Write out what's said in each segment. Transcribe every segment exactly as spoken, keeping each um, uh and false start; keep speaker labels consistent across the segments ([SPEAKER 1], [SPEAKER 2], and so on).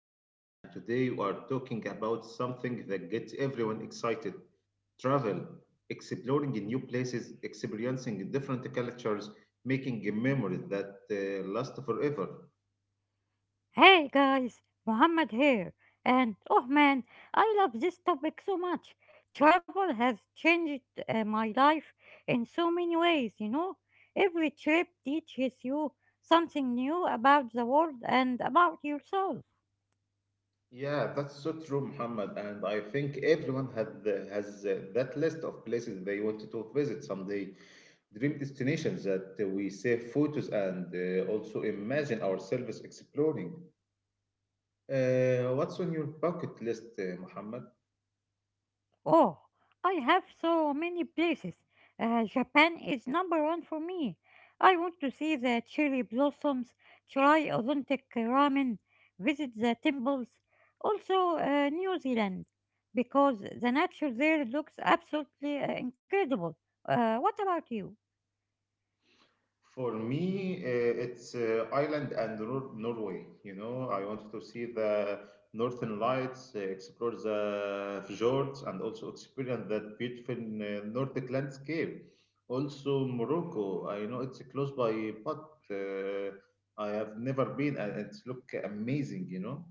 [SPEAKER 1] Ahmed, and today we are talking about something that gets everyone excited: travel, exploring new places, experiencing different cultures, making memories that uh, last forever.
[SPEAKER 2] Hey guys, Muhammad here. And oh man, I love this topic so much. Travel has changed uh, my life in so many ways, you know. Every trip teaches you something new about the world and about yourself.
[SPEAKER 1] Yeah, that's so true, Muhammad. And I think everyone had the, has uh, that list of places they wanted to visit someday. Dream destinations that we save photos and uh, also imagine ourselves exploring. Uh, what's on your bucket list, uh, Muhammad?
[SPEAKER 2] Oh, I have so many places. Uh, Japan is number one for me. I want to see the cherry blossoms, try authentic ramen, visit the temples, also uh, New Zealand, because the nature there looks absolutely uh, incredible. Uh, what about you?
[SPEAKER 1] For me, uh, it's uh, Ireland and Nor- Norway. You know, I want to see the Northern Lights, uh, explore the fjords, and also experience that beautiful uh, Nordic landscape. Also, Morocco. I know it's close by, but uh, I have never been, and it's look amazing. You know.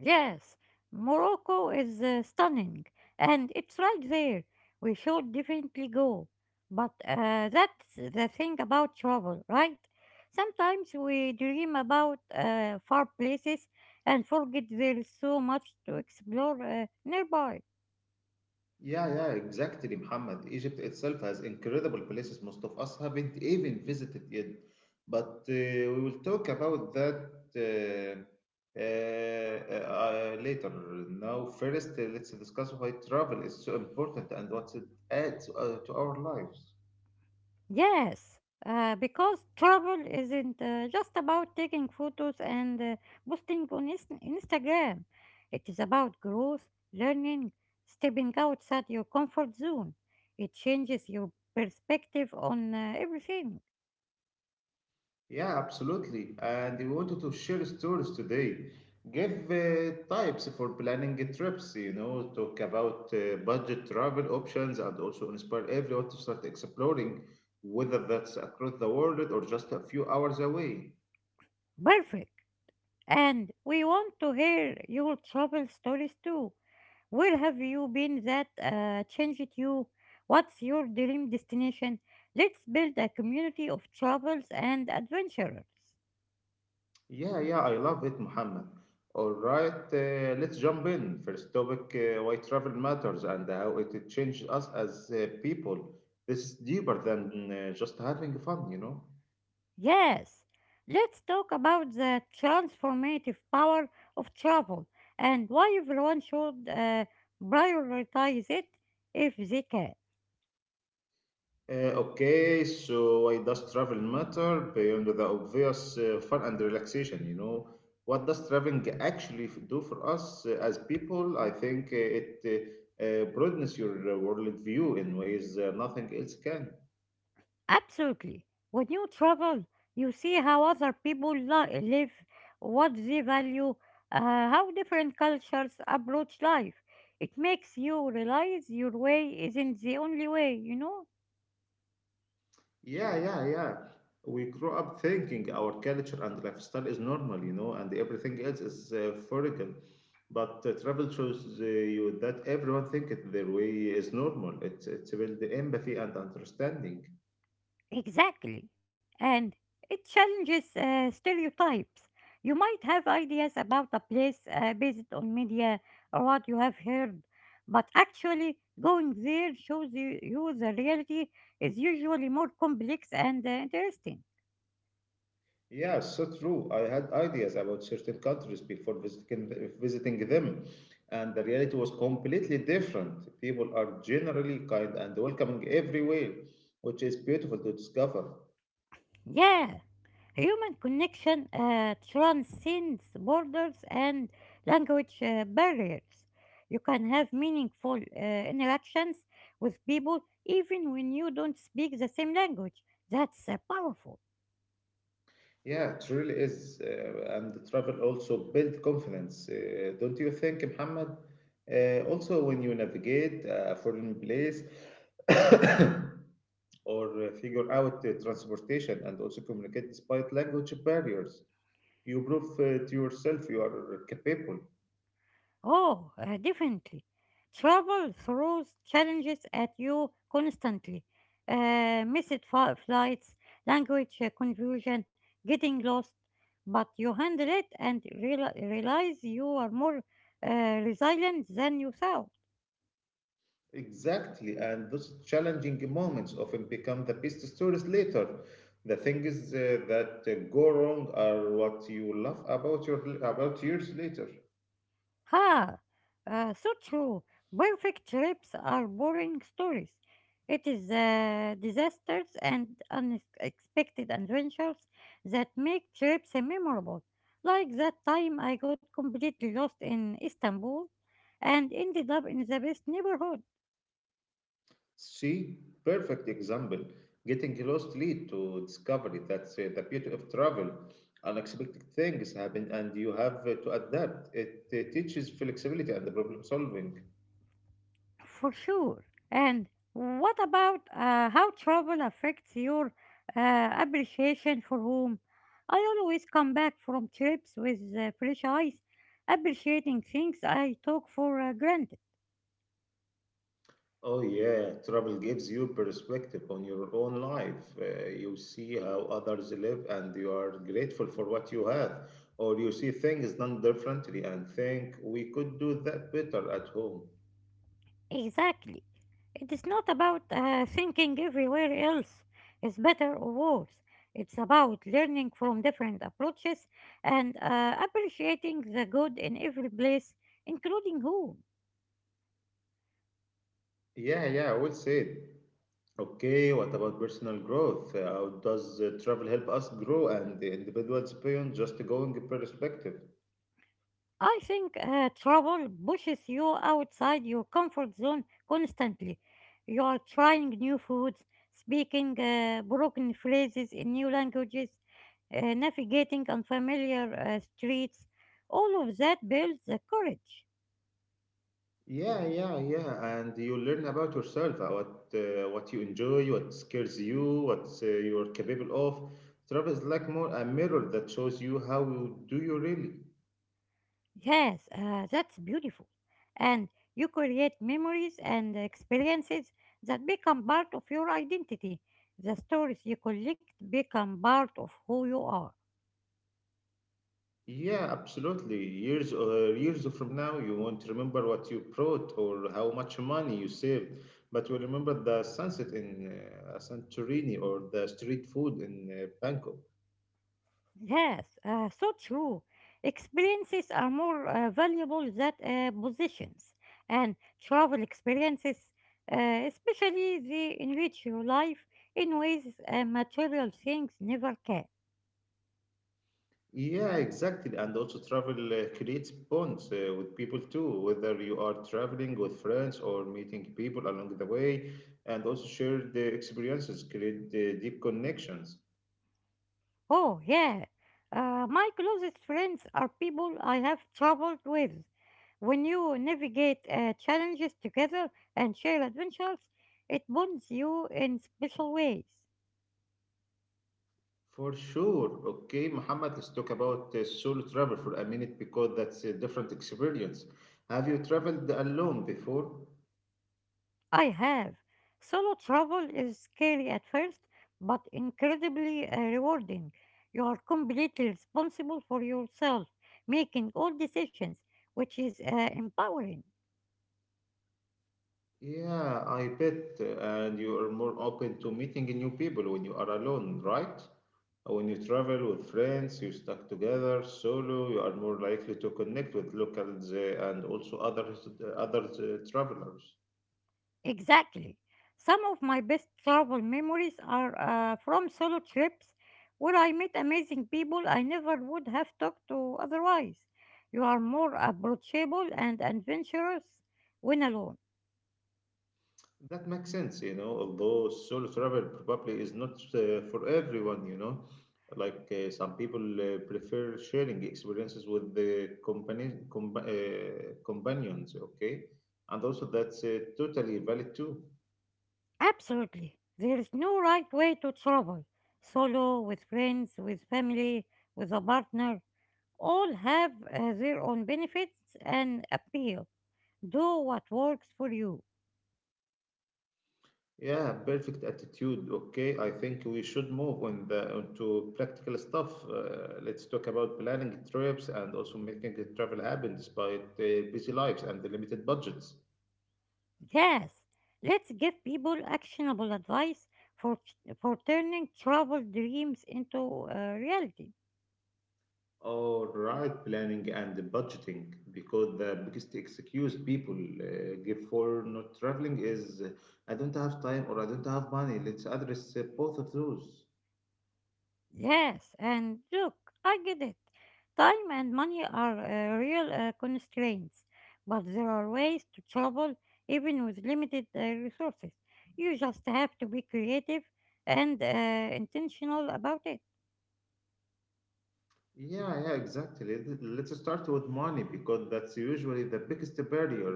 [SPEAKER 2] Yes, Morocco is uh, stunning and it's right there. We should definitely go. But uh, that's the thing about travel, right? Sometimes we dream about uh, far places and forget there's so much to explore uh, nearby.
[SPEAKER 1] Yeah, yeah, exactly, Muhammad. Egypt itself has incredible places most of us haven't even visited yet. But uh, we will talk about that uh, uh, uh, later. Now, first, uh, let's discuss why travel is so important and what it adds uh, to our lives.
[SPEAKER 2] Yes, uh, because travel isn't uh, just about taking photos and uh, posting on Inst- Instagram. It is about growth, learning, stepping outside your comfort zone. It changes your perspective on uh, everything.
[SPEAKER 1] Yeah, absolutely. And we wanted to share stories today. Give uh, types for planning trips, you know, talk about uh, budget travel options and also inspire everyone to start exploring, whether that's across the world or just a few hours away.
[SPEAKER 2] Perfect. And we want to hear your travel stories too. Where have you been that uh, changed you? What's your dream destination? Let's build a community of travelers and adventurers.
[SPEAKER 1] Yeah, yeah, I love it, Muhammad. All right, uh, let's jump in. First topic, uh, why travel matters and how it changed us as uh, people. This is deeper than uh, just having fun, you know.
[SPEAKER 2] Yes, let's talk about the transformative power of travel and why everyone should uh, prioritize it if they can.
[SPEAKER 1] Uh, okay, so why does travel matter beyond the obvious uh, fun and relaxation? You know, what does traveling actually f- do for us uh, as people? I think uh, it uh, uh, broadens your uh, worldview in ways uh, nothing else can.
[SPEAKER 2] Absolutely. When you travel, you see how other people li- live, what they value, uh, how different cultures approach life. It makes you realize your way isn't the only way, you know?
[SPEAKER 1] Yeah, yeah, yeah. We grow up thinking our culture and lifestyle is normal, you know, and everything else is uh, foreign. But uh, travel shows uh, you that everyone thinks it their way is normal. It, it's build empathy and understanding.
[SPEAKER 2] Exactly. And it challenges uh, stereotypes. You might have ideas about a place uh, based on media or what you have heard, but actually going there shows you, you the reality is usually more complex and uh, interesting.
[SPEAKER 1] Yeah, so true. I had ideas about certain countries before visiting, visiting them, and the reality was completely different. People are generally kind and welcoming everywhere, which is beautiful to discover.
[SPEAKER 2] Yeah, human connection uh, transcends borders and language uh, barriers. You can have meaningful uh, interactions with people even when you don't speak the same language. That's uh, powerful.
[SPEAKER 1] Yeah, it really is. Uh, and the travel also build confidence, uh, don't you think, Muhammad? Uh, also, when you navigate uh, a foreign place, or uh, figure out the transportation and also communicate despite language barriers. You prove uh, to yourself you are capable.
[SPEAKER 2] Oh, uh, definitely. Travel throws challenges at you constantly. Uh, missed fi- flights, language uh, confusion, getting lost. But you handle it and reali realize you are more uh, resilient than you thought.
[SPEAKER 1] Exactly, and those challenging moments often become the best stories later. The things uh, that uh, go wrong are what you love about your about years later.
[SPEAKER 2] Ha! Uh, so true. Perfect trips are boring stories. It is the disasters and unexpected adventures that make trips memorable. Like that time I got completely lost in Istanbul and ended up in the best neighborhood.
[SPEAKER 1] See, perfect example. Getting lost lead to discovery. That's uh, the beauty of travel. Unexpected things happen, and you have uh, to adapt. It uh, teaches flexibility and the problem solving.
[SPEAKER 2] For sure. And what about uh, how travel affects your uh, appreciation for home? I always come back from trips with uh, fresh eyes, appreciating things I took for uh, granted.
[SPEAKER 1] Oh, yeah, travel gives you perspective on your own life. Uh, you see how others live and you are grateful for what you have. Or you see things done differently and think we could do that better at home.
[SPEAKER 2] Exactly. It is not about uh, thinking everywhere else is better or worse. It's about learning from different approaches and uh, appreciating the good in every place, including home.
[SPEAKER 1] Yeah, yeah, well said. Okay, what about personal growth? Uh, How does uh, travel help us grow and the individuals beyond just going perspective?
[SPEAKER 2] I think uh, trouble pushes you outside your comfort zone constantly. You are trying new foods, speaking uh, broken phrases in new languages, uh, navigating unfamiliar uh, streets. All of that builds the courage.
[SPEAKER 1] Yeah, yeah, yeah, and you learn about yourself, uh, what uh, what you enjoy, what scares you, what uh, you're capable of. Travel is like more a mirror that shows you how you do you really.
[SPEAKER 2] Yes, uh, that's beautiful. And you create memories and experiences that become part of your identity. The stories you collect become part of who you are.
[SPEAKER 1] Yeah, absolutely. Years uh, years from now, you won't remember what you brought or how much money you saved, but you'll remember the sunset in uh, Santorini or the street food in uh, Bangkok.
[SPEAKER 2] Yes, uh, so true. Experiences are more uh, valuable than uh, positions, and travel experiences, uh, especially, they enrich your life in ways uh, material things never can.
[SPEAKER 1] Yeah, exactly. And also, travel uh, creates bonds uh, with people too, whether you are traveling with friends or meeting people along the way, and also share the experiences, create uh, deep connections.
[SPEAKER 2] Oh, yeah. Uh, my closest friends are people I have traveled with. When you navigate uh, challenges together and share adventures, it bonds you in special ways.
[SPEAKER 1] For sure. Okay, Muhammad, let's talk about uh, solo travel for a minute because that's a different experience. Have you traveled alone before?
[SPEAKER 2] I have. Solo travel is scary at first, but incredibly uh, rewarding. You are completely responsible for yourself, making all decisions, which is uh, empowering.
[SPEAKER 1] Yeah, I bet. And you are more open to meeting new people when you are alone, right? When you travel with friends, you stuck together, solo, you are more likely to connect with locals uh, and also other other uh, travelers.
[SPEAKER 2] Exactly. Some of my best travel memories are uh, from solo trips where I met amazing people I never would have talked to otherwise. You are more approachable and adventurous when alone.
[SPEAKER 1] That makes sense, you know, although solo travel probably is not uh, for everyone, you know. Like uh, some people uh, prefer sharing experiences with the company, compa uh, companions, okay? And also that's uh, totally valid too.
[SPEAKER 2] Absolutely. There is no right way to travel. Solo, with friends, with family, with a partner, all have uh, their own benefits and appeal. Do what works for you.
[SPEAKER 1] Yeah, perfect attitude. Okay, I think we should move on the onto practical stuff. Uh, let's talk about planning trips and also making the travel happen despite uh, busy lives and the limited budgets.
[SPEAKER 2] Yes, let's give people actionable advice for, for turning travel dreams into uh, reality.
[SPEAKER 1] All right, planning and the budgeting, because the biggest excuse people uh, give for not traveling is uh, I don't have time or I don't have money. Let's address uh, both of those.
[SPEAKER 2] Yes, and look, I get it. Time and money are uh, real uh, constraints, but there are ways to travel even with limited uh, resources. You just have to be creative and uh, intentional about it.
[SPEAKER 1] Yeah, yeah, exactly. Let- Let's start with money because that's usually the biggest barrier.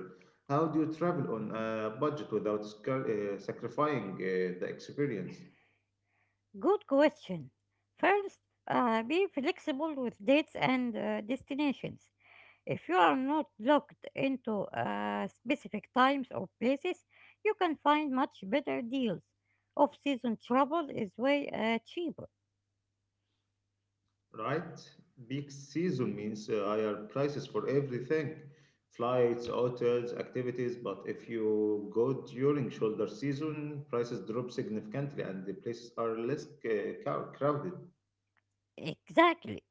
[SPEAKER 1] How do you travel on a budget without scar- uh, sacrificing uh, the experience,
[SPEAKER 2] Good question. First, uh, be flexible with dates and uh, destinations. If you are not locked into uh, specific times or places, you can find much better deals. Off season travel is way uh, cheaper.
[SPEAKER 1] right? Peak season means uh, higher prices for everything, flights, hotels, activities. But if you go during shoulder season, prices drop significantly and the places are less uh, crow- crowded.
[SPEAKER 2] Exactly.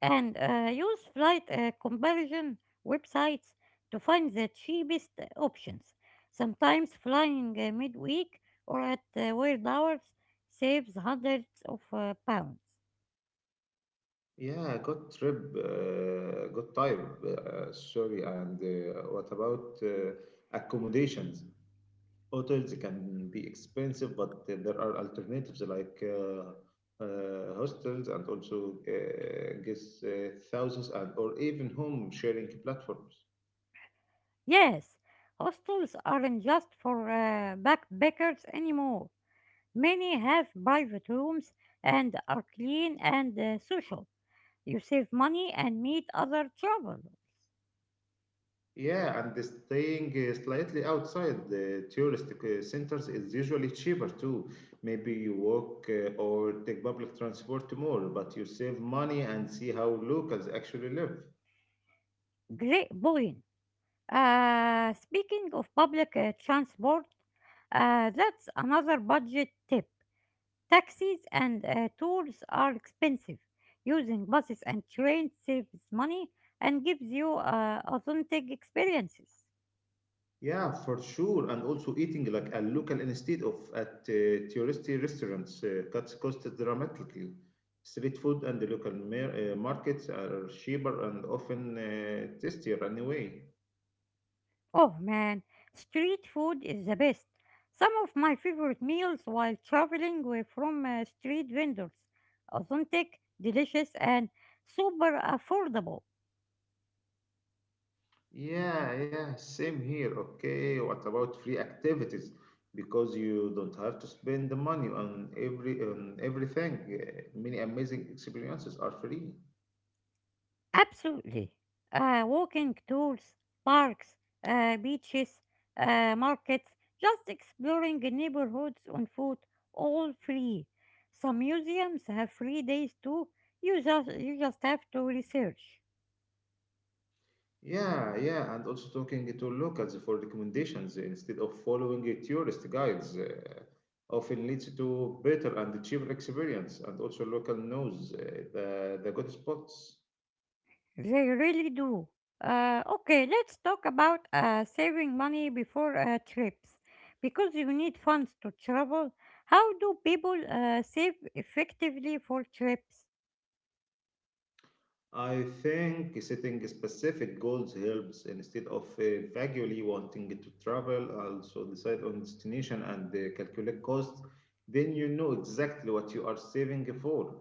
[SPEAKER 2] And uh, use flight uh, comparison websites to find the cheapest uh, options. Sometimes flying uh, midweek or at uh, weird hours saves hundreds of uh, pounds.
[SPEAKER 1] Yeah, good trip, uh, good type. Uh, sorry, and uh, what about uh, accommodations? Hotels can be expensive, but there are alternatives like uh, uh, hostels and also uh, guest uh, thousands and or even home sharing platforms.
[SPEAKER 2] Yes, hostels aren't just for uh, backpackers anymore. Many have private rooms and are clean and uh, social. You save money and meet other travelers.
[SPEAKER 1] Yeah, and staying uh, slightly outside the tourist uh, centers is usually cheaper too. Maybe you walk uh, or take public transport more, but you save money and see how locals actually live.
[SPEAKER 2] Great point. Uh, speaking of public uh, transport, uh, that's another budget tip. Taxis and uh, tours are expensive. Using buses and trains saves money and gives you uh, authentic experiences.
[SPEAKER 1] Yeah, for sure. And also eating like a local instead of at uh, touristy restaurants uh, cuts costs dramatically. Street food and the local mar- uh, markets are cheaper and often uh, tastier anyway.
[SPEAKER 2] Oh man, street food is the best. Some of my favorite meals while traveling were from uh, street vendors. Authentic, delicious, and super affordable.
[SPEAKER 1] Yeah, yeah, same here. Okay, what about free activities? Because you don't have to spend the money on every on everything. Uh, Many amazing experiences are free.
[SPEAKER 2] Absolutely. Uh, walking tours, parks, uh, beaches, uh, markets, just exploring the neighborhoods on foot, all free. Some museums have free days too. You just, you just have to research.
[SPEAKER 1] Yeah, yeah, and also talking to locals for recommendations instead of following uh, tourist guides uh, often leads to better and cheaper experience, and also local knows uh, the the good spots.
[SPEAKER 2] They really do. Uh, okay, let's talk about uh, saving money before uh, trips. Because you need funds to travel, how do people uh, save effectively for trips?
[SPEAKER 1] I think setting specific goals helps instead of uh, vaguely wanting to travel. Also, decide on destination and uh, calculate cost. Then you know exactly what you are saving for.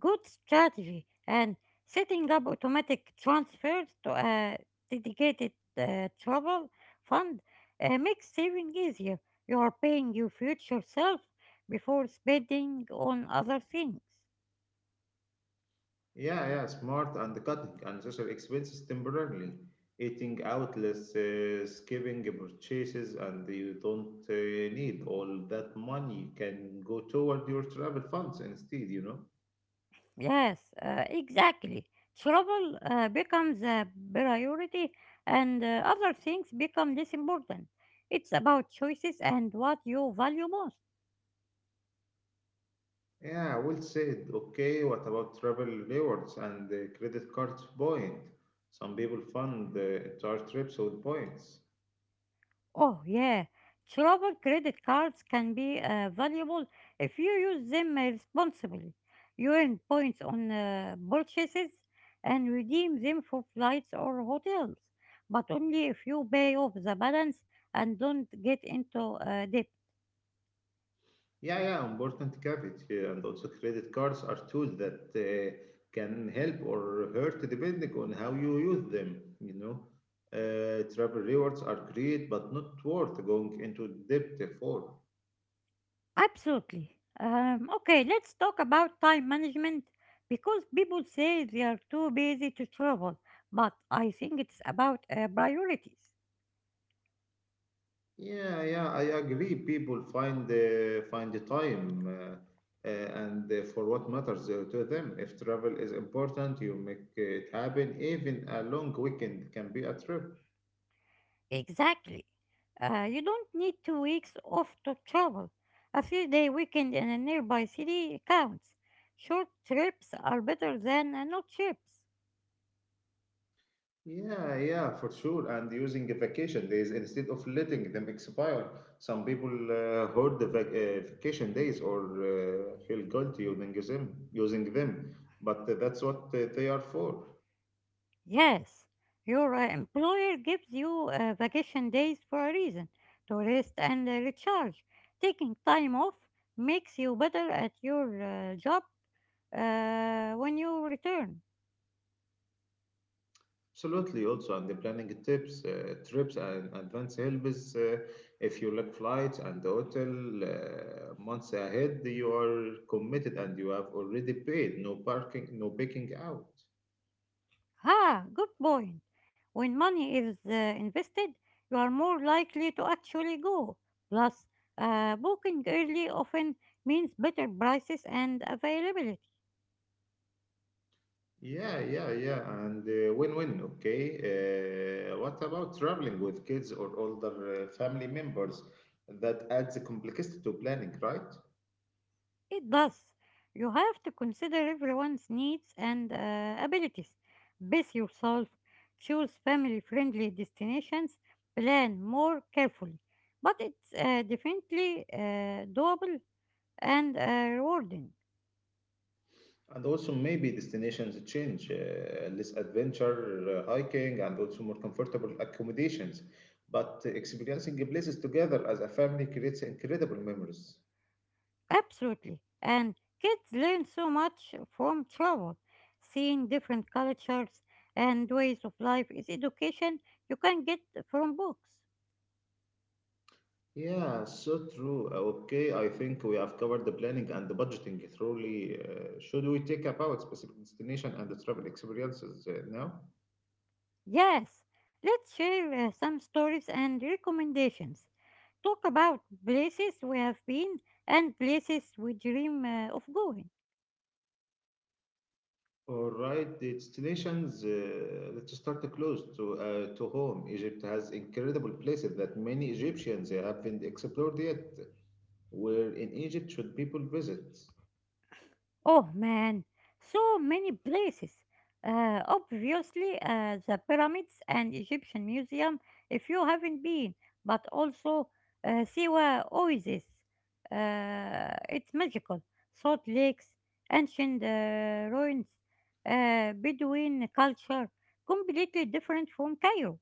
[SPEAKER 2] Good strategy and setting up automatic transfers to a dedicated uh, travel fund uh, makes saving easier. You are paying your future self before spending on other things.
[SPEAKER 1] Yeah, yeah, smart and cutting unnecessary expenses temporarily. Eating out less, uh, skipping purchases, and you don't uh, need all that money. You can go toward your travel funds instead, you know.
[SPEAKER 2] Yes, uh, exactly. Travel uh, becomes a priority and uh, other things become less important. It's about choices and what you value most.
[SPEAKER 1] Yeah, well said. Okay, what about travel rewards and the credit cards point? Some people fund the entire trips with points.
[SPEAKER 2] Oh, yeah. Travel credit cards can be uh, valuable if you use them responsibly. You earn points on uh, purchases and redeem them for flights or hotels, but only if you pay off the balance and don't get into uh, debt.
[SPEAKER 1] Yeah, yeah, important caveat here. And also, credit cards are tools that uh, can help or hurt depending on how you use them. You know, uh, travel rewards are great, but not worth going into debt for.
[SPEAKER 2] Absolutely. Um, okay, let's talk about time management because people say they are too busy to travel, but I think it's about uh, priorities.
[SPEAKER 1] Yeah, yeah, I agree. People find the find the time uh, uh, and uh, for what matters uh, to them. If travel is important, you make it happen. Even a long weekend can be a trip.
[SPEAKER 2] Exactly. Uh, you don't need two weeks off to travel. A few day weekend in a nearby city counts. Short trips are better than uh, no trips.
[SPEAKER 1] Yeah, yeah, for sure. And using the vacation days instead of letting them expire. Some people uh, hoard the vac- uh, vacation days or uh, feel guilty using them, using them. But that's what uh, they are for.
[SPEAKER 2] Yes, your uh, employer gives you uh, vacation days for a reason to rest and uh, recharge. Taking time off makes you better at your uh, job uh, when you return.
[SPEAKER 1] Absolutely, also, and the planning tips, uh, trips, and advance helps. Uh, if you look flights and hotel uh, months ahead, you are committed and you have already paid. No parking, no picking out.
[SPEAKER 2] Ah, good point. When money is uh, invested, you are more likely to actually go. Plus, uh, booking early often means better prices and availability.
[SPEAKER 1] Yeah, yeah, yeah, and uh, win-win. Okay. Uh, what about traveling with kids or older uh, family members? That adds a complexity to planning, right?
[SPEAKER 2] It does. You have to consider everyone's needs and uh, abilities. Base yourself, choose family friendly destinations, plan more carefully. But it's uh, definitely uh, doable and uh, rewarding.
[SPEAKER 1] And also maybe destinations change, uh, less adventure, uh, hiking, and also more comfortable accommodations. But experiencing places together as a family creates incredible memories.
[SPEAKER 2] Absolutely. And kids learn so much from travel. Seeing different cultures and ways of life is education you can get from books.
[SPEAKER 1] Yeah, so true. Okay, I think we have covered the planning and the budgeting thoroughly. Uh, should we take about specific destination and the travel experiences uh, now?
[SPEAKER 2] Yes, let's share uh, some stories and recommendations. Talk about places we have been and places we dream uh, of going.
[SPEAKER 1] All right, destinations. Uh, let's start close to uh, to home. Egypt has incredible places that many Egyptians haven't explored yet. Where in Egypt should people visit?
[SPEAKER 2] Oh man, so many places. Uh, obviously, uh, the pyramids and Egyptian Museum if you haven't been, but also uh, Siwa Oasis. Uh, it's magical. Salt lakes, ancient uh, ruins, uh, Bedouin culture, completely different from Cairo.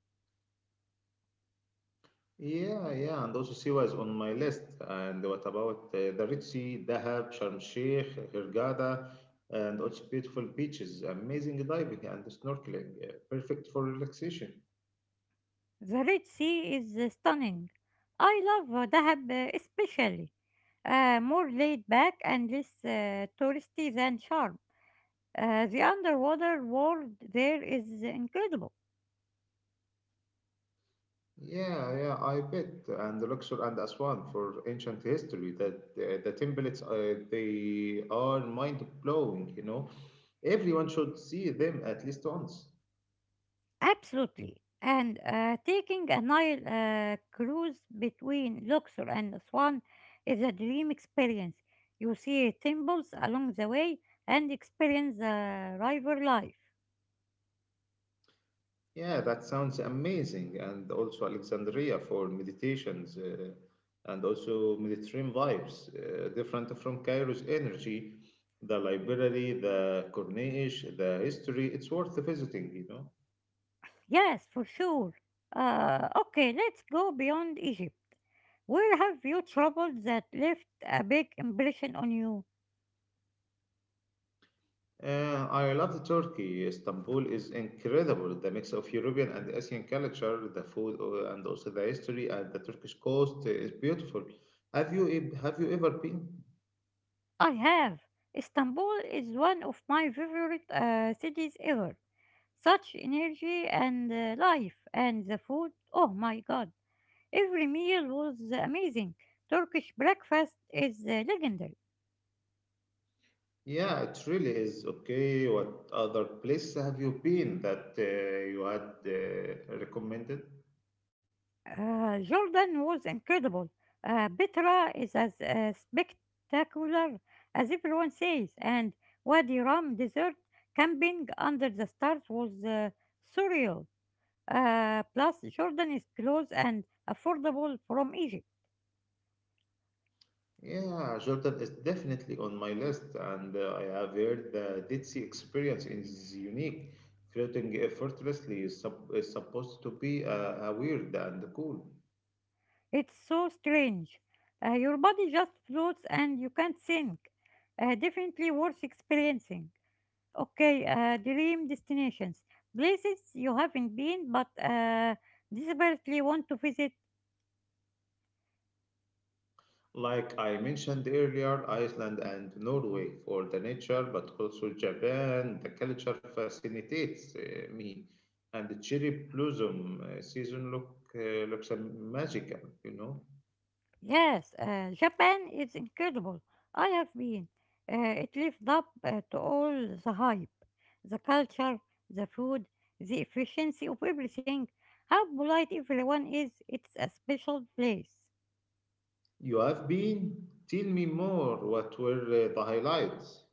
[SPEAKER 1] Yeah, yeah, and also Siwa is on my list. And what about uh, the Red Sea, Dahab, Sharm el-Sheikh, Hurghada, and also beautiful beaches, amazing diving and snorkeling, uh, perfect for relaxation.
[SPEAKER 2] The Red Sea is uh, stunning. I love uh, Dahab uh, especially. Uh, more laid back and less uh, touristy than Sharm. Uh, the underwater world there is incredible.
[SPEAKER 1] Yeah, yeah, I bet. And the Luxor and Aswan for ancient history, that the, the templates, uh, they are mind-blowing, you know. Everyone should see them at least once.
[SPEAKER 2] Absolutely. And uh, taking a Nile uh, cruise between Luxor and Aswan is a dream experience. You see temples along the way and experience the river life.
[SPEAKER 1] Yeah, that sounds amazing. And also Alexandria for meditations, uh, and also Mediterranean vibes, uh, different from Cairo's energy, the library, the Corniche, the history. It's worth visiting, you know.
[SPEAKER 2] Yes, for sure. Uh, okay, let's go beyond Egypt. Where have you traveled that left a big impression on you?
[SPEAKER 1] Uh, I love Turkey. Istanbul is incredible. The mix of European and Asian culture, the food, uh, and also the history and the Turkish coast is beautiful. Have you e- have you ever been?
[SPEAKER 2] I have. Istanbul is one of my favorite uh, cities ever. Such energy and uh, life and the food. Oh my god. Every meal was amazing. Turkish breakfast is uh, legendary.
[SPEAKER 1] Yeah, it really is. Okay, what other place have you been that uh, you had uh, recommended?
[SPEAKER 2] Uh, Jordan was incredible. Uh, Petra is as uh, spectacular as everyone says, and Wadi Rum desert camping under the stars was uh, surreal. Uh, plus, Jordan is close and affordable from Egypt.
[SPEAKER 1] Yeah, Jordan is definitely on my list, and uh, I have heard the Dead Sea experience is unique. Floating effortlessly is, sup- is supposed to be uh, uh, weird and cool.
[SPEAKER 2] It's so strange. Uh, your body just floats and you can't sink. Uh, definitely worth experiencing. Okay, uh, dream destinations. Places you haven't been but uh, desperately want to visit.
[SPEAKER 1] Like I mentioned earlier, Iceland and Norway for the nature, but also Japan. The culture fascinates uh, me, and the cherry blossom uh, season look uh, looks uh, magical. You know,
[SPEAKER 2] Yes, uh, Japan is incredible. I have been. Uh, it lives up uh, to all the hype. The culture, the food, the efficiency of everything, how polite everyone is. It's a special place.
[SPEAKER 1] you have been. Tell me more. What were uh, the highlights?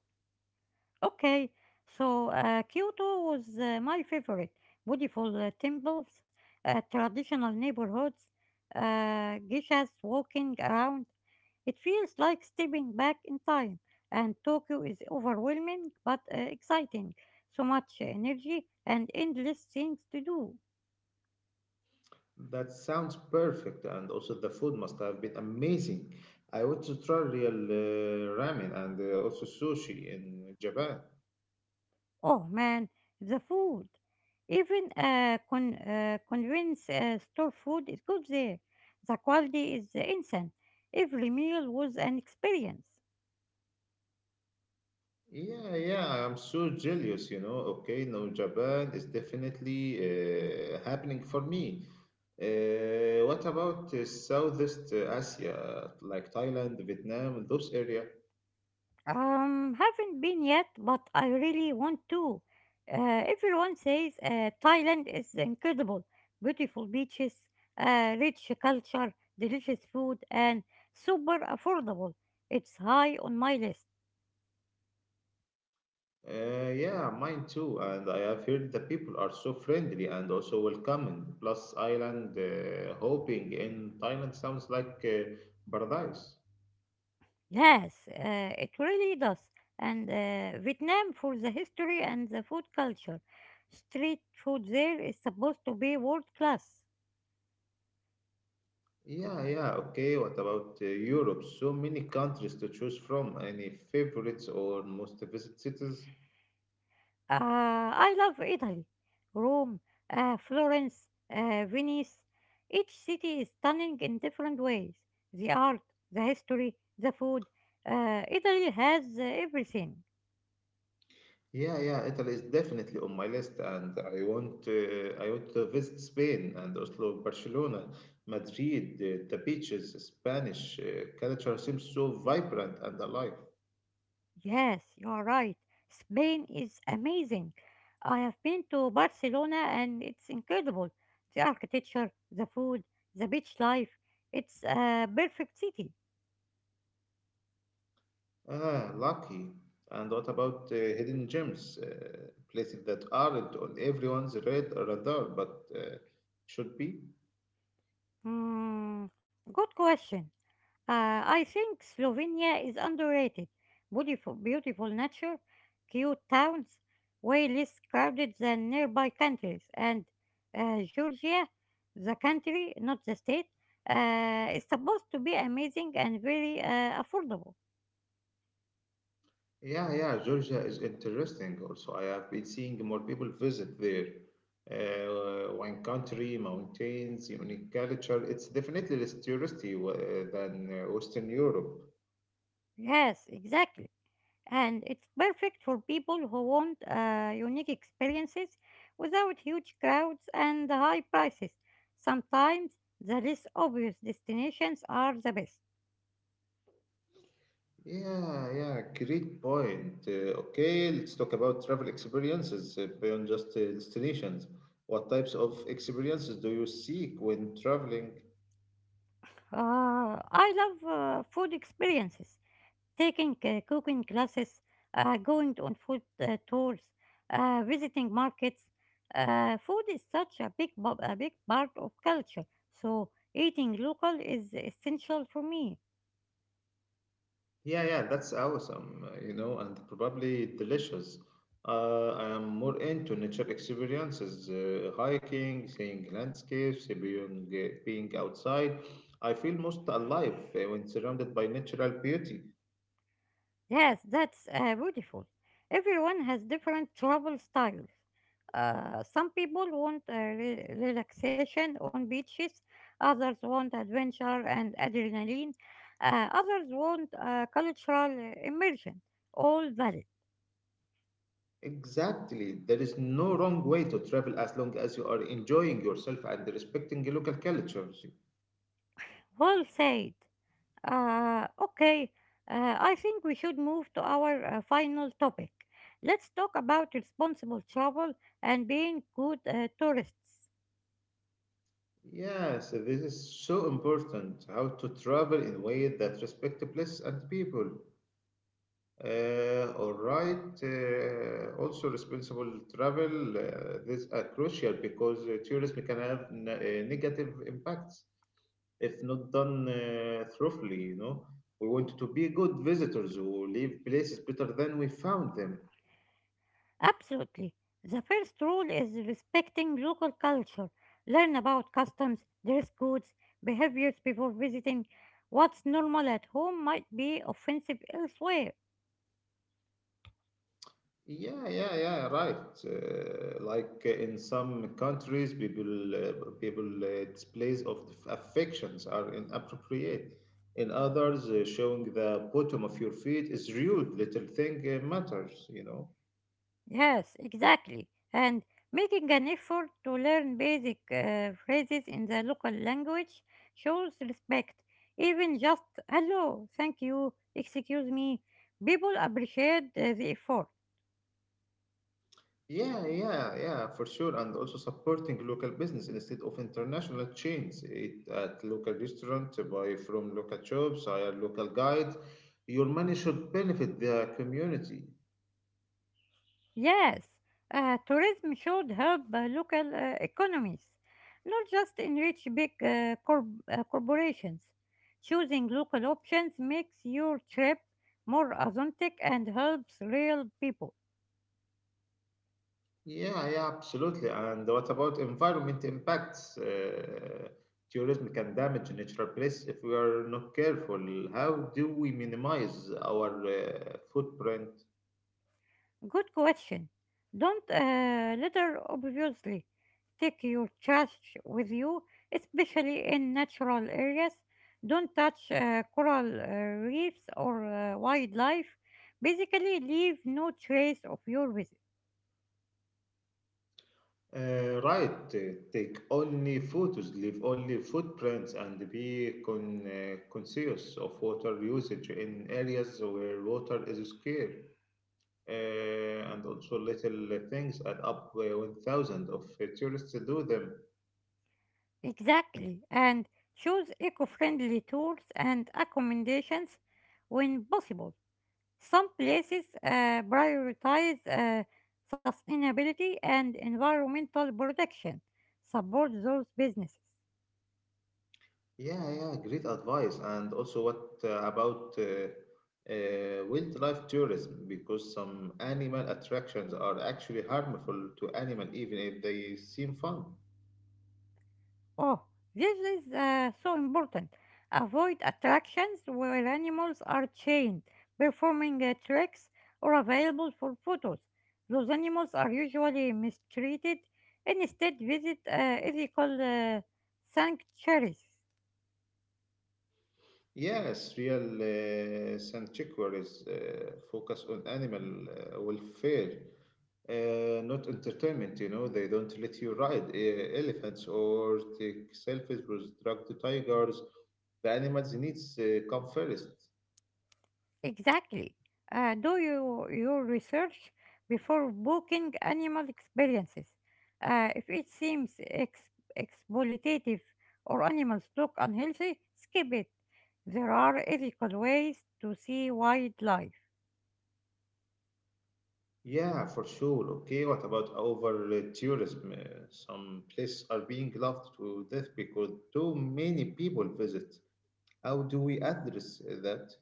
[SPEAKER 2] Okay, so uh, Kyoto was uh, my favorite. Beautiful uh, temples, uh, traditional neighborhoods, uh, geishas walking around. It feels like stepping back in time. And Tokyo is overwhelming but uh, exciting. So much energy and endless things to do.
[SPEAKER 1] That sounds perfect, and also the food must have been amazing. I want to try real uh, ramen and uh, also sushi in Japan.
[SPEAKER 2] Oh man, the food. Even uh, con- uh, convenience uh, store food is good there. The quality is insane. Every meal was an experience.
[SPEAKER 1] Yeah, yeah, I'm so jealous, you know. Okay, no, Japan is definitely uh, happening for me. Uh, what about uh, Southeast Asia, like Thailand, Vietnam, those area?
[SPEAKER 2] Um, haven't been yet, but I really want to. Uh, everyone says uh, Thailand is incredible. Beautiful beaches, uh, rich culture, delicious food, and super affordable. It's high on my list.
[SPEAKER 1] Uh, yeah, mine too. And I have heard the people are so friendly and also welcoming. Plus, island uh, hopping in Thailand sounds like uh, paradise.
[SPEAKER 2] Yes, uh, it really does. And uh, Vietnam for the history and the food culture. Street food there is supposed to be world class.
[SPEAKER 1] Yeah, yeah, okay. What about uh, Europe? So many countries to choose from. Any favorites or most visited cities?
[SPEAKER 2] Uh, I love Italy, Rome, uh, Florence, uh, Venice. Each city is stunning in different ways. The art, the history, the food. Uh, Italy has uh, everything.
[SPEAKER 1] Yeah, yeah, Italy is definitely on my list, and I want uh, I want to visit Spain and Oslo, Barcelona, Madrid. The, the beaches, Spanish uh, culture seems so vibrant and alive.
[SPEAKER 2] Yes, you are right. Spain is amazing. I have been to Barcelona and it's incredible. The architecture, the food, the beach life. It's a perfect city.
[SPEAKER 1] Ah, lucky. And what about uh, hidden gems, uh, places that aren't on everyone's red radar but uh, should be?
[SPEAKER 2] Hmm, good question. Uh, I think Slovenia is underrated. Beautiful, beautiful nature, cute towns, way less crowded than nearby countries. And uh, Georgia, the country, not the state, uh, is supposed to be amazing and very uh, affordable.
[SPEAKER 1] Yeah, yeah, Georgia is interesting also. I have been seeing more people visit there. Uh, wine country, mountains, unique culture. It's definitely less touristy uh, than uh, Western Europe.
[SPEAKER 2] Yes, exactly. And it's perfect for people who want uh, unique experiences without huge crowds and high prices. Sometimes the less obvious destinations are the best.
[SPEAKER 1] Yeah, yeah, great point. Uh, okay, let's talk about travel experiences uh, beyond just uh, destinations. What types of experiences do you seek when traveling?
[SPEAKER 2] Uh, I love uh, food experiences, taking uh, cooking classes, uh, going on food uh, tours, uh, visiting markets. Uh, food is such a big, bu- a big part of culture, so eating local is essential for me.
[SPEAKER 1] Yeah, yeah, that's awesome, uh, you know, and probably delicious. Uh, I am more into nature experiences, uh, hiking, seeing landscapes, uh, being, uh, being outside. I feel most alive uh, when surrounded by natural beauty.
[SPEAKER 2] Yes, that's uh, beautiful. Everyone has different travel styles. Uh, some people want uh, re- relaxation on beaches, others want adventure and adrenaline, uh, others want uh, cultural uh, immersion. All valid.
[SPEAKER 1] Exactly. There is no wrong way to travel as long as you are enjoying yourself and respecting local cultures.
[SPEAKER 2] Well said. Uh, okay, uh, I think we should move to our uh, final topic. Let's talk about responsible travel and being good uh, tourists.
[SPEAKER 1] Yes, this is so important. How to travel in a way that respect the place and people. Uh, all right. Uh, also, responsible travel. Uh, this are crucial because uh, tourism can have n- uh, negative impacts if not done uh, thoroughly. You know, we want to be good visitors who leave places better than we found them.
[SPEAKER 2] Absolutely. The first rule is respecting local culture. Learn about customs, dress codes, behaviors before visiting. What's normal at home might be offensive elsewhere.
[SPEAKER 1] Yeah, yeah, yeah, right. Uh, like uh, in some countries, people uh, people uh, displays of affections are inappropriate. In others, uh, showing the bottom of your feet is rude. Little thing uh, matters, you know.
[SPEAKER 2] Yes, exactly. And making an effort to learn basic uh, phrases in the local language shows respect. Even just hello, thank you, excuse me. People appreciate uh, the effort.
[SPEAKER 1] Yeah, yeah, yeah, for sure. And also supporting local business instead of international chains. Eat at local restaurant, uh, buy from local shops, hire local guides. Your money should benefit the community.
[SPEAKER 2] Yes, uh, tourism should help uh, local uh, economies, not just enrich big uh, corp- uh, corporations. Choosing local options makes your trip more authentic and helps real people.
[SPEAKER 1] Yeah, yeah, absolutely. And what about environment impacts? Uh, tourism can damage natural place if we are not careful. How do we minimize our uh, footprint?
[SPEAKER 2] Good question. Don't uh, litter obviously. Take your trash with you, especially in natural areas. Don't touch uh, coral uh, reefs or uh, wildlife. Basically, leave no trace of your visit.
[SPEAKER 1] Uh, right, uh, take only photos, leave only footprints, and be con- uh, conscious of water usage in areas where water is scarce. Uh, and also little things add up uh, when thousands of uh, tourists do them.
[SPEAKER 2] Exactly. And choose eco friendly tours and accommodations when possible. Some places uh, prioritize uh, sustainability and environmental protection. Support those businesses.
[SPEAKER 1] Yeah, yeah, great advice. And also, what uh, about uh, uh, wildlife tourism? Because some animal attractions are actually harmful to animal, even if they seem fun.
[SPEAKER 2] Oh, this is uh, so important. Avoid attractions where animals are chained, performing uh, tricks, or available for photos. Those animals are usually mistreated. Instead, visit uh, ethical uh, sanctuaries.
[SPEAKER 1] Yes, real uh, sanctuaries uh, focus on animal uh, welfare, uh, not entertainment. You know, they don't let you ride uh, elephants or take selfies with drugged tigers. The animals needs uh, come first.
[SPEAKER 2] Exactly. Uh, do you, your research before booking animal experiences. Uh, if it seems ex- exploitative or animals look unhealthy, skip it. There are ethical ways to see wildlife.
[SPEAKER 1] Yeah, for sure. Okay, what about over uh, tourism? Uh, some places are being loved to death because too many people visit. How do we address uh, that?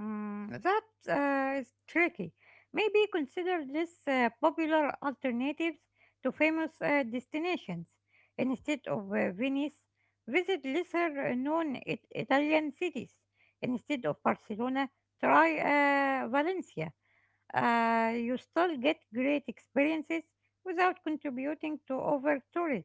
[SPEAKER 2] Mm, that uh, is tricky. Maybe consider this uh, popular alternatives to famous uh, destinations. Instead of uh, Venice, visit lesser known it- Italian cities. Instead of Barcelona, try uh, Valencia. Uh, you still get great experiences without contributing to over tourism.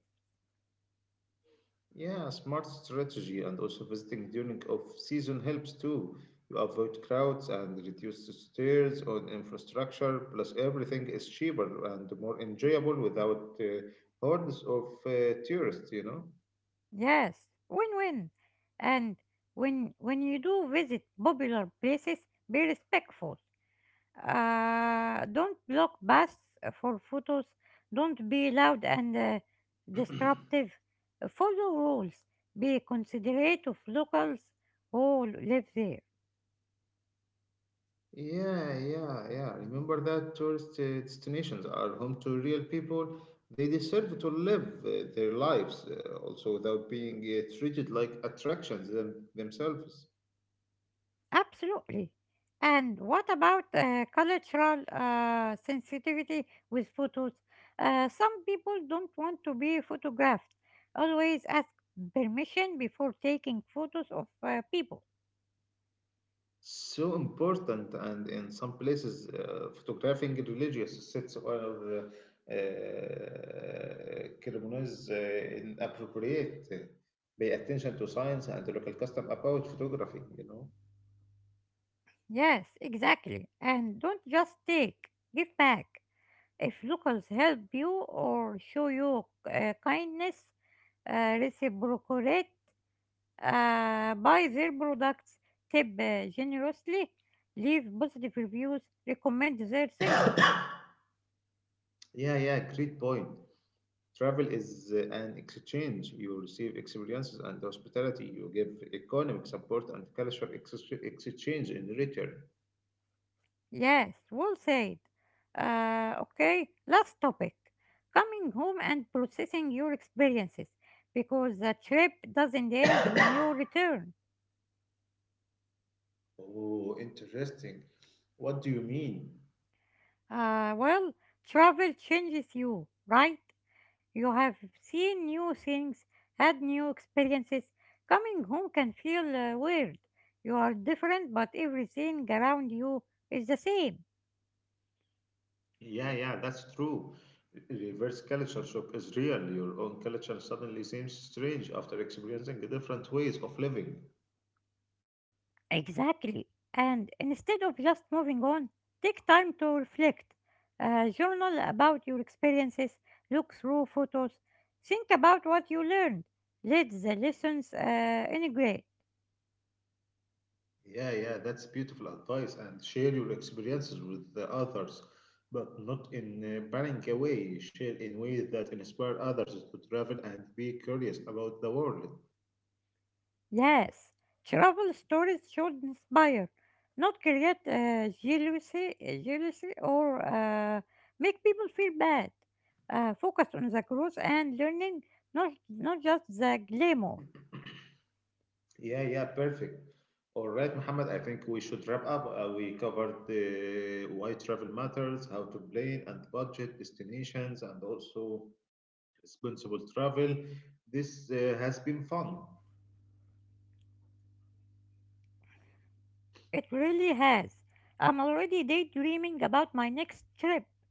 [SPEAKER 1] Yeah, smart strategy and also visiting during off season helps too. You avoid crowds and reduce the stairs on infrastructure, plus everything is cheaper and more enjoyable without uh, hordes of uh, tourists, you know?
[SPEAKER 2] Yes, win-win. And when when you do visit popular places, be respectful. Uh, don't block paths for photos. Don't be loud and uh, disruptive. Uh, Follow rules. Be considerate of locals who live there.
[SPEAKER 1] Yeah, yeah, yeah. Remember that tourist uh, destinations are home to real people. They deserve to live uh, their lives uh, also without being uh, treated like attractions them- themselves.
[SPEAKER 2] Absolutely. And what about uh, cultural uh, sensitivity with photos? Uh, some people don't want to be photographed. Always ask permission before taking photos of uh, people.
[SPEAKER 1] So important, and in some places, uh, photographing religious sites or uh, uh, ceremonies uh, inappropriate. uh, Pay attention to science and local custom about photography, you know.
[SPEAKER 2] Yes, exactly. And don't just take, give back. If locals help you or show you uh, kindness, uh, reciprocate uh, buy their products, tip uh, generously, leave positive reviews, recommend their services.
[SPEAKER 1] Yeah, yeah, great point. Travel is uh, an exchange. You receive experiences and hospitality. You give economic support and cultural ex- exchange in return.
[SPEAKER 2] Yes, well said. Uh, okay, last topic coming home and processing your experiences because the trip doesn't end when you return.
[SPEAKER 1] Oh, interesting. What do you mean?
[SPEAKER 2] Uh, well, travel changes you, right? You have seen new things, had new experiences. Coming home can feel uh, weird. You are different, but everything around you is the same.
[SPEAKER 1] Yeah, yeah, that's true. Reverse culture shock is real. Your own culture suddenly seems strange after experiencing different ways of living.
[SPEAKER 2] Exactly. And instead of just moving on, take time to reflect. Uh, journal about your experiences, look through photos, think about what you learned. Let the lessons uh, integrate.
[SPEAKER 1] Yeah, yeah, that's beautiful advice. And share your experiences with the others, but not in a banning way. Share in ways that inspire others to travel and be curious about the world.
[SPEAKER 2] Yes, travel stories should inspire, not create uh, jealousy, э, jealousy or uh, make people feel bad. Uh, focus on the growth and learning, not not just the glamour.
[SPEAKER 1] Yeah, yeah, perfect. All right, Muhammad, I think we should wrap up. Uh, we covered the why travel matters, how to plan and budget destinations, and also responsible travel. This uh, has been fun.
[SPEAKER 2] It really has. I'm already daydreaming about my next trip.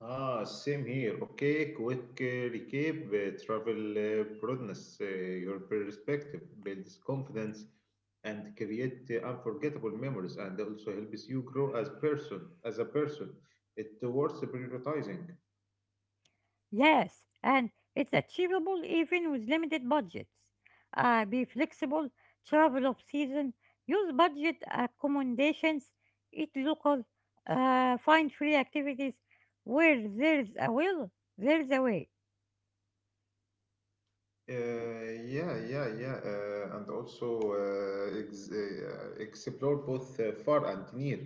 [SPEAKER 1] Ah, same here. Okay, quick uh, recap. Uh, travel uh, broadens uh, your perspective, builds confidence, and create uh, unforgettable memories, and also helps you grow as person, as a person. It's worth prioritizing.
[SPEAKER 2] Yes, and it's achievable even with limited budgets. Uh, be flexible, travel off season, use budget accommodations, eat local, uh, find free activities. Where there's a will, there's a way.
[SPEAKER 1] Uh, yeah, yeah, yeah, uh, and also uh, ex uh, uh, explore both uh, far and near.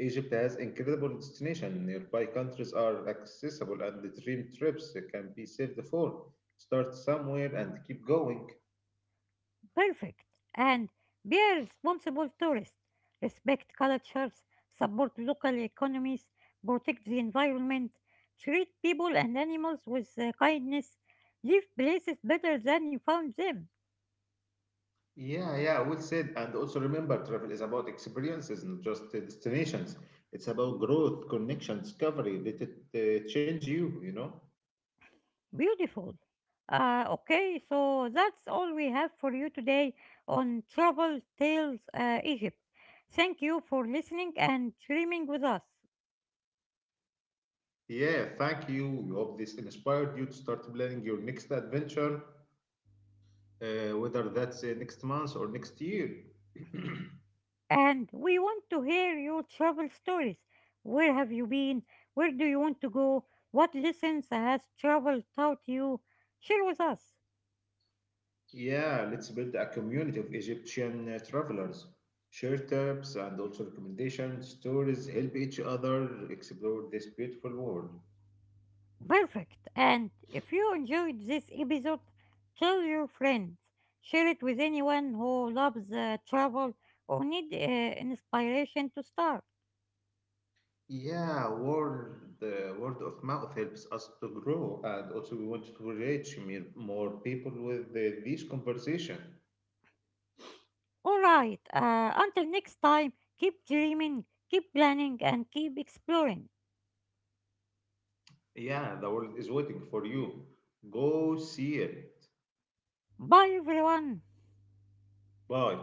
[SPEAKER 1] Egypt has incredible destinations. Nearby countries are accessible, and the dream trips can be saved for. Start somewhere and keep going.
[SPEAKER 2] Perfect. And be a responsible tourist. Respect cultures, support local economies, protect the environment, treat people and animals with uh, kindness, leave places better than you found them.
[SPEAKER 1] Yeah, yeah, well said. And also remember, travel is about experiences, not just uh, destinations. It's about growth, connection, discovery. Let it uh, change you, you know?
[SPEAKER 2] Beautiful. Uh, okay, so that's all we have for you today on Trouble Tales uh, Egypt. Thank you for listening and streaming with us.
[SPEAKER 1] Yeah, thank you. We hope this inspired you to start planning your next adventure, uh, whether that's uh, next month or next year.
[SPEAKER 2] And we want to hear your travel stories. Where have you been? Where do you want to go? What lessons has travel taught you? Share with us.
[SPEAKER 1] Yeah, let's build a community of Egyptian uh, travelers. Share tips and also recommendations, stories, help each other explore this beautiful world.
[SPEAKER 2] Perfect! And if you enjoyed this episode, tell your friends, share it with anyone who loves uh, travel or need uh, inspiration to start.
[SPEAKER 1] Yeah, word, the word of mouth helps us to grow, and also we want to reach mere- more people with uh, this conversation.
[SPEAKER 2] All right, uh, until next time, keep dreaming, keep planning, and keep exploring.
[SPEAKER 1] Yeah, the world is waiting for you. Go see it.
[SPEAKER 2] Bye, everyone!
[SPEAKER 1] Bye.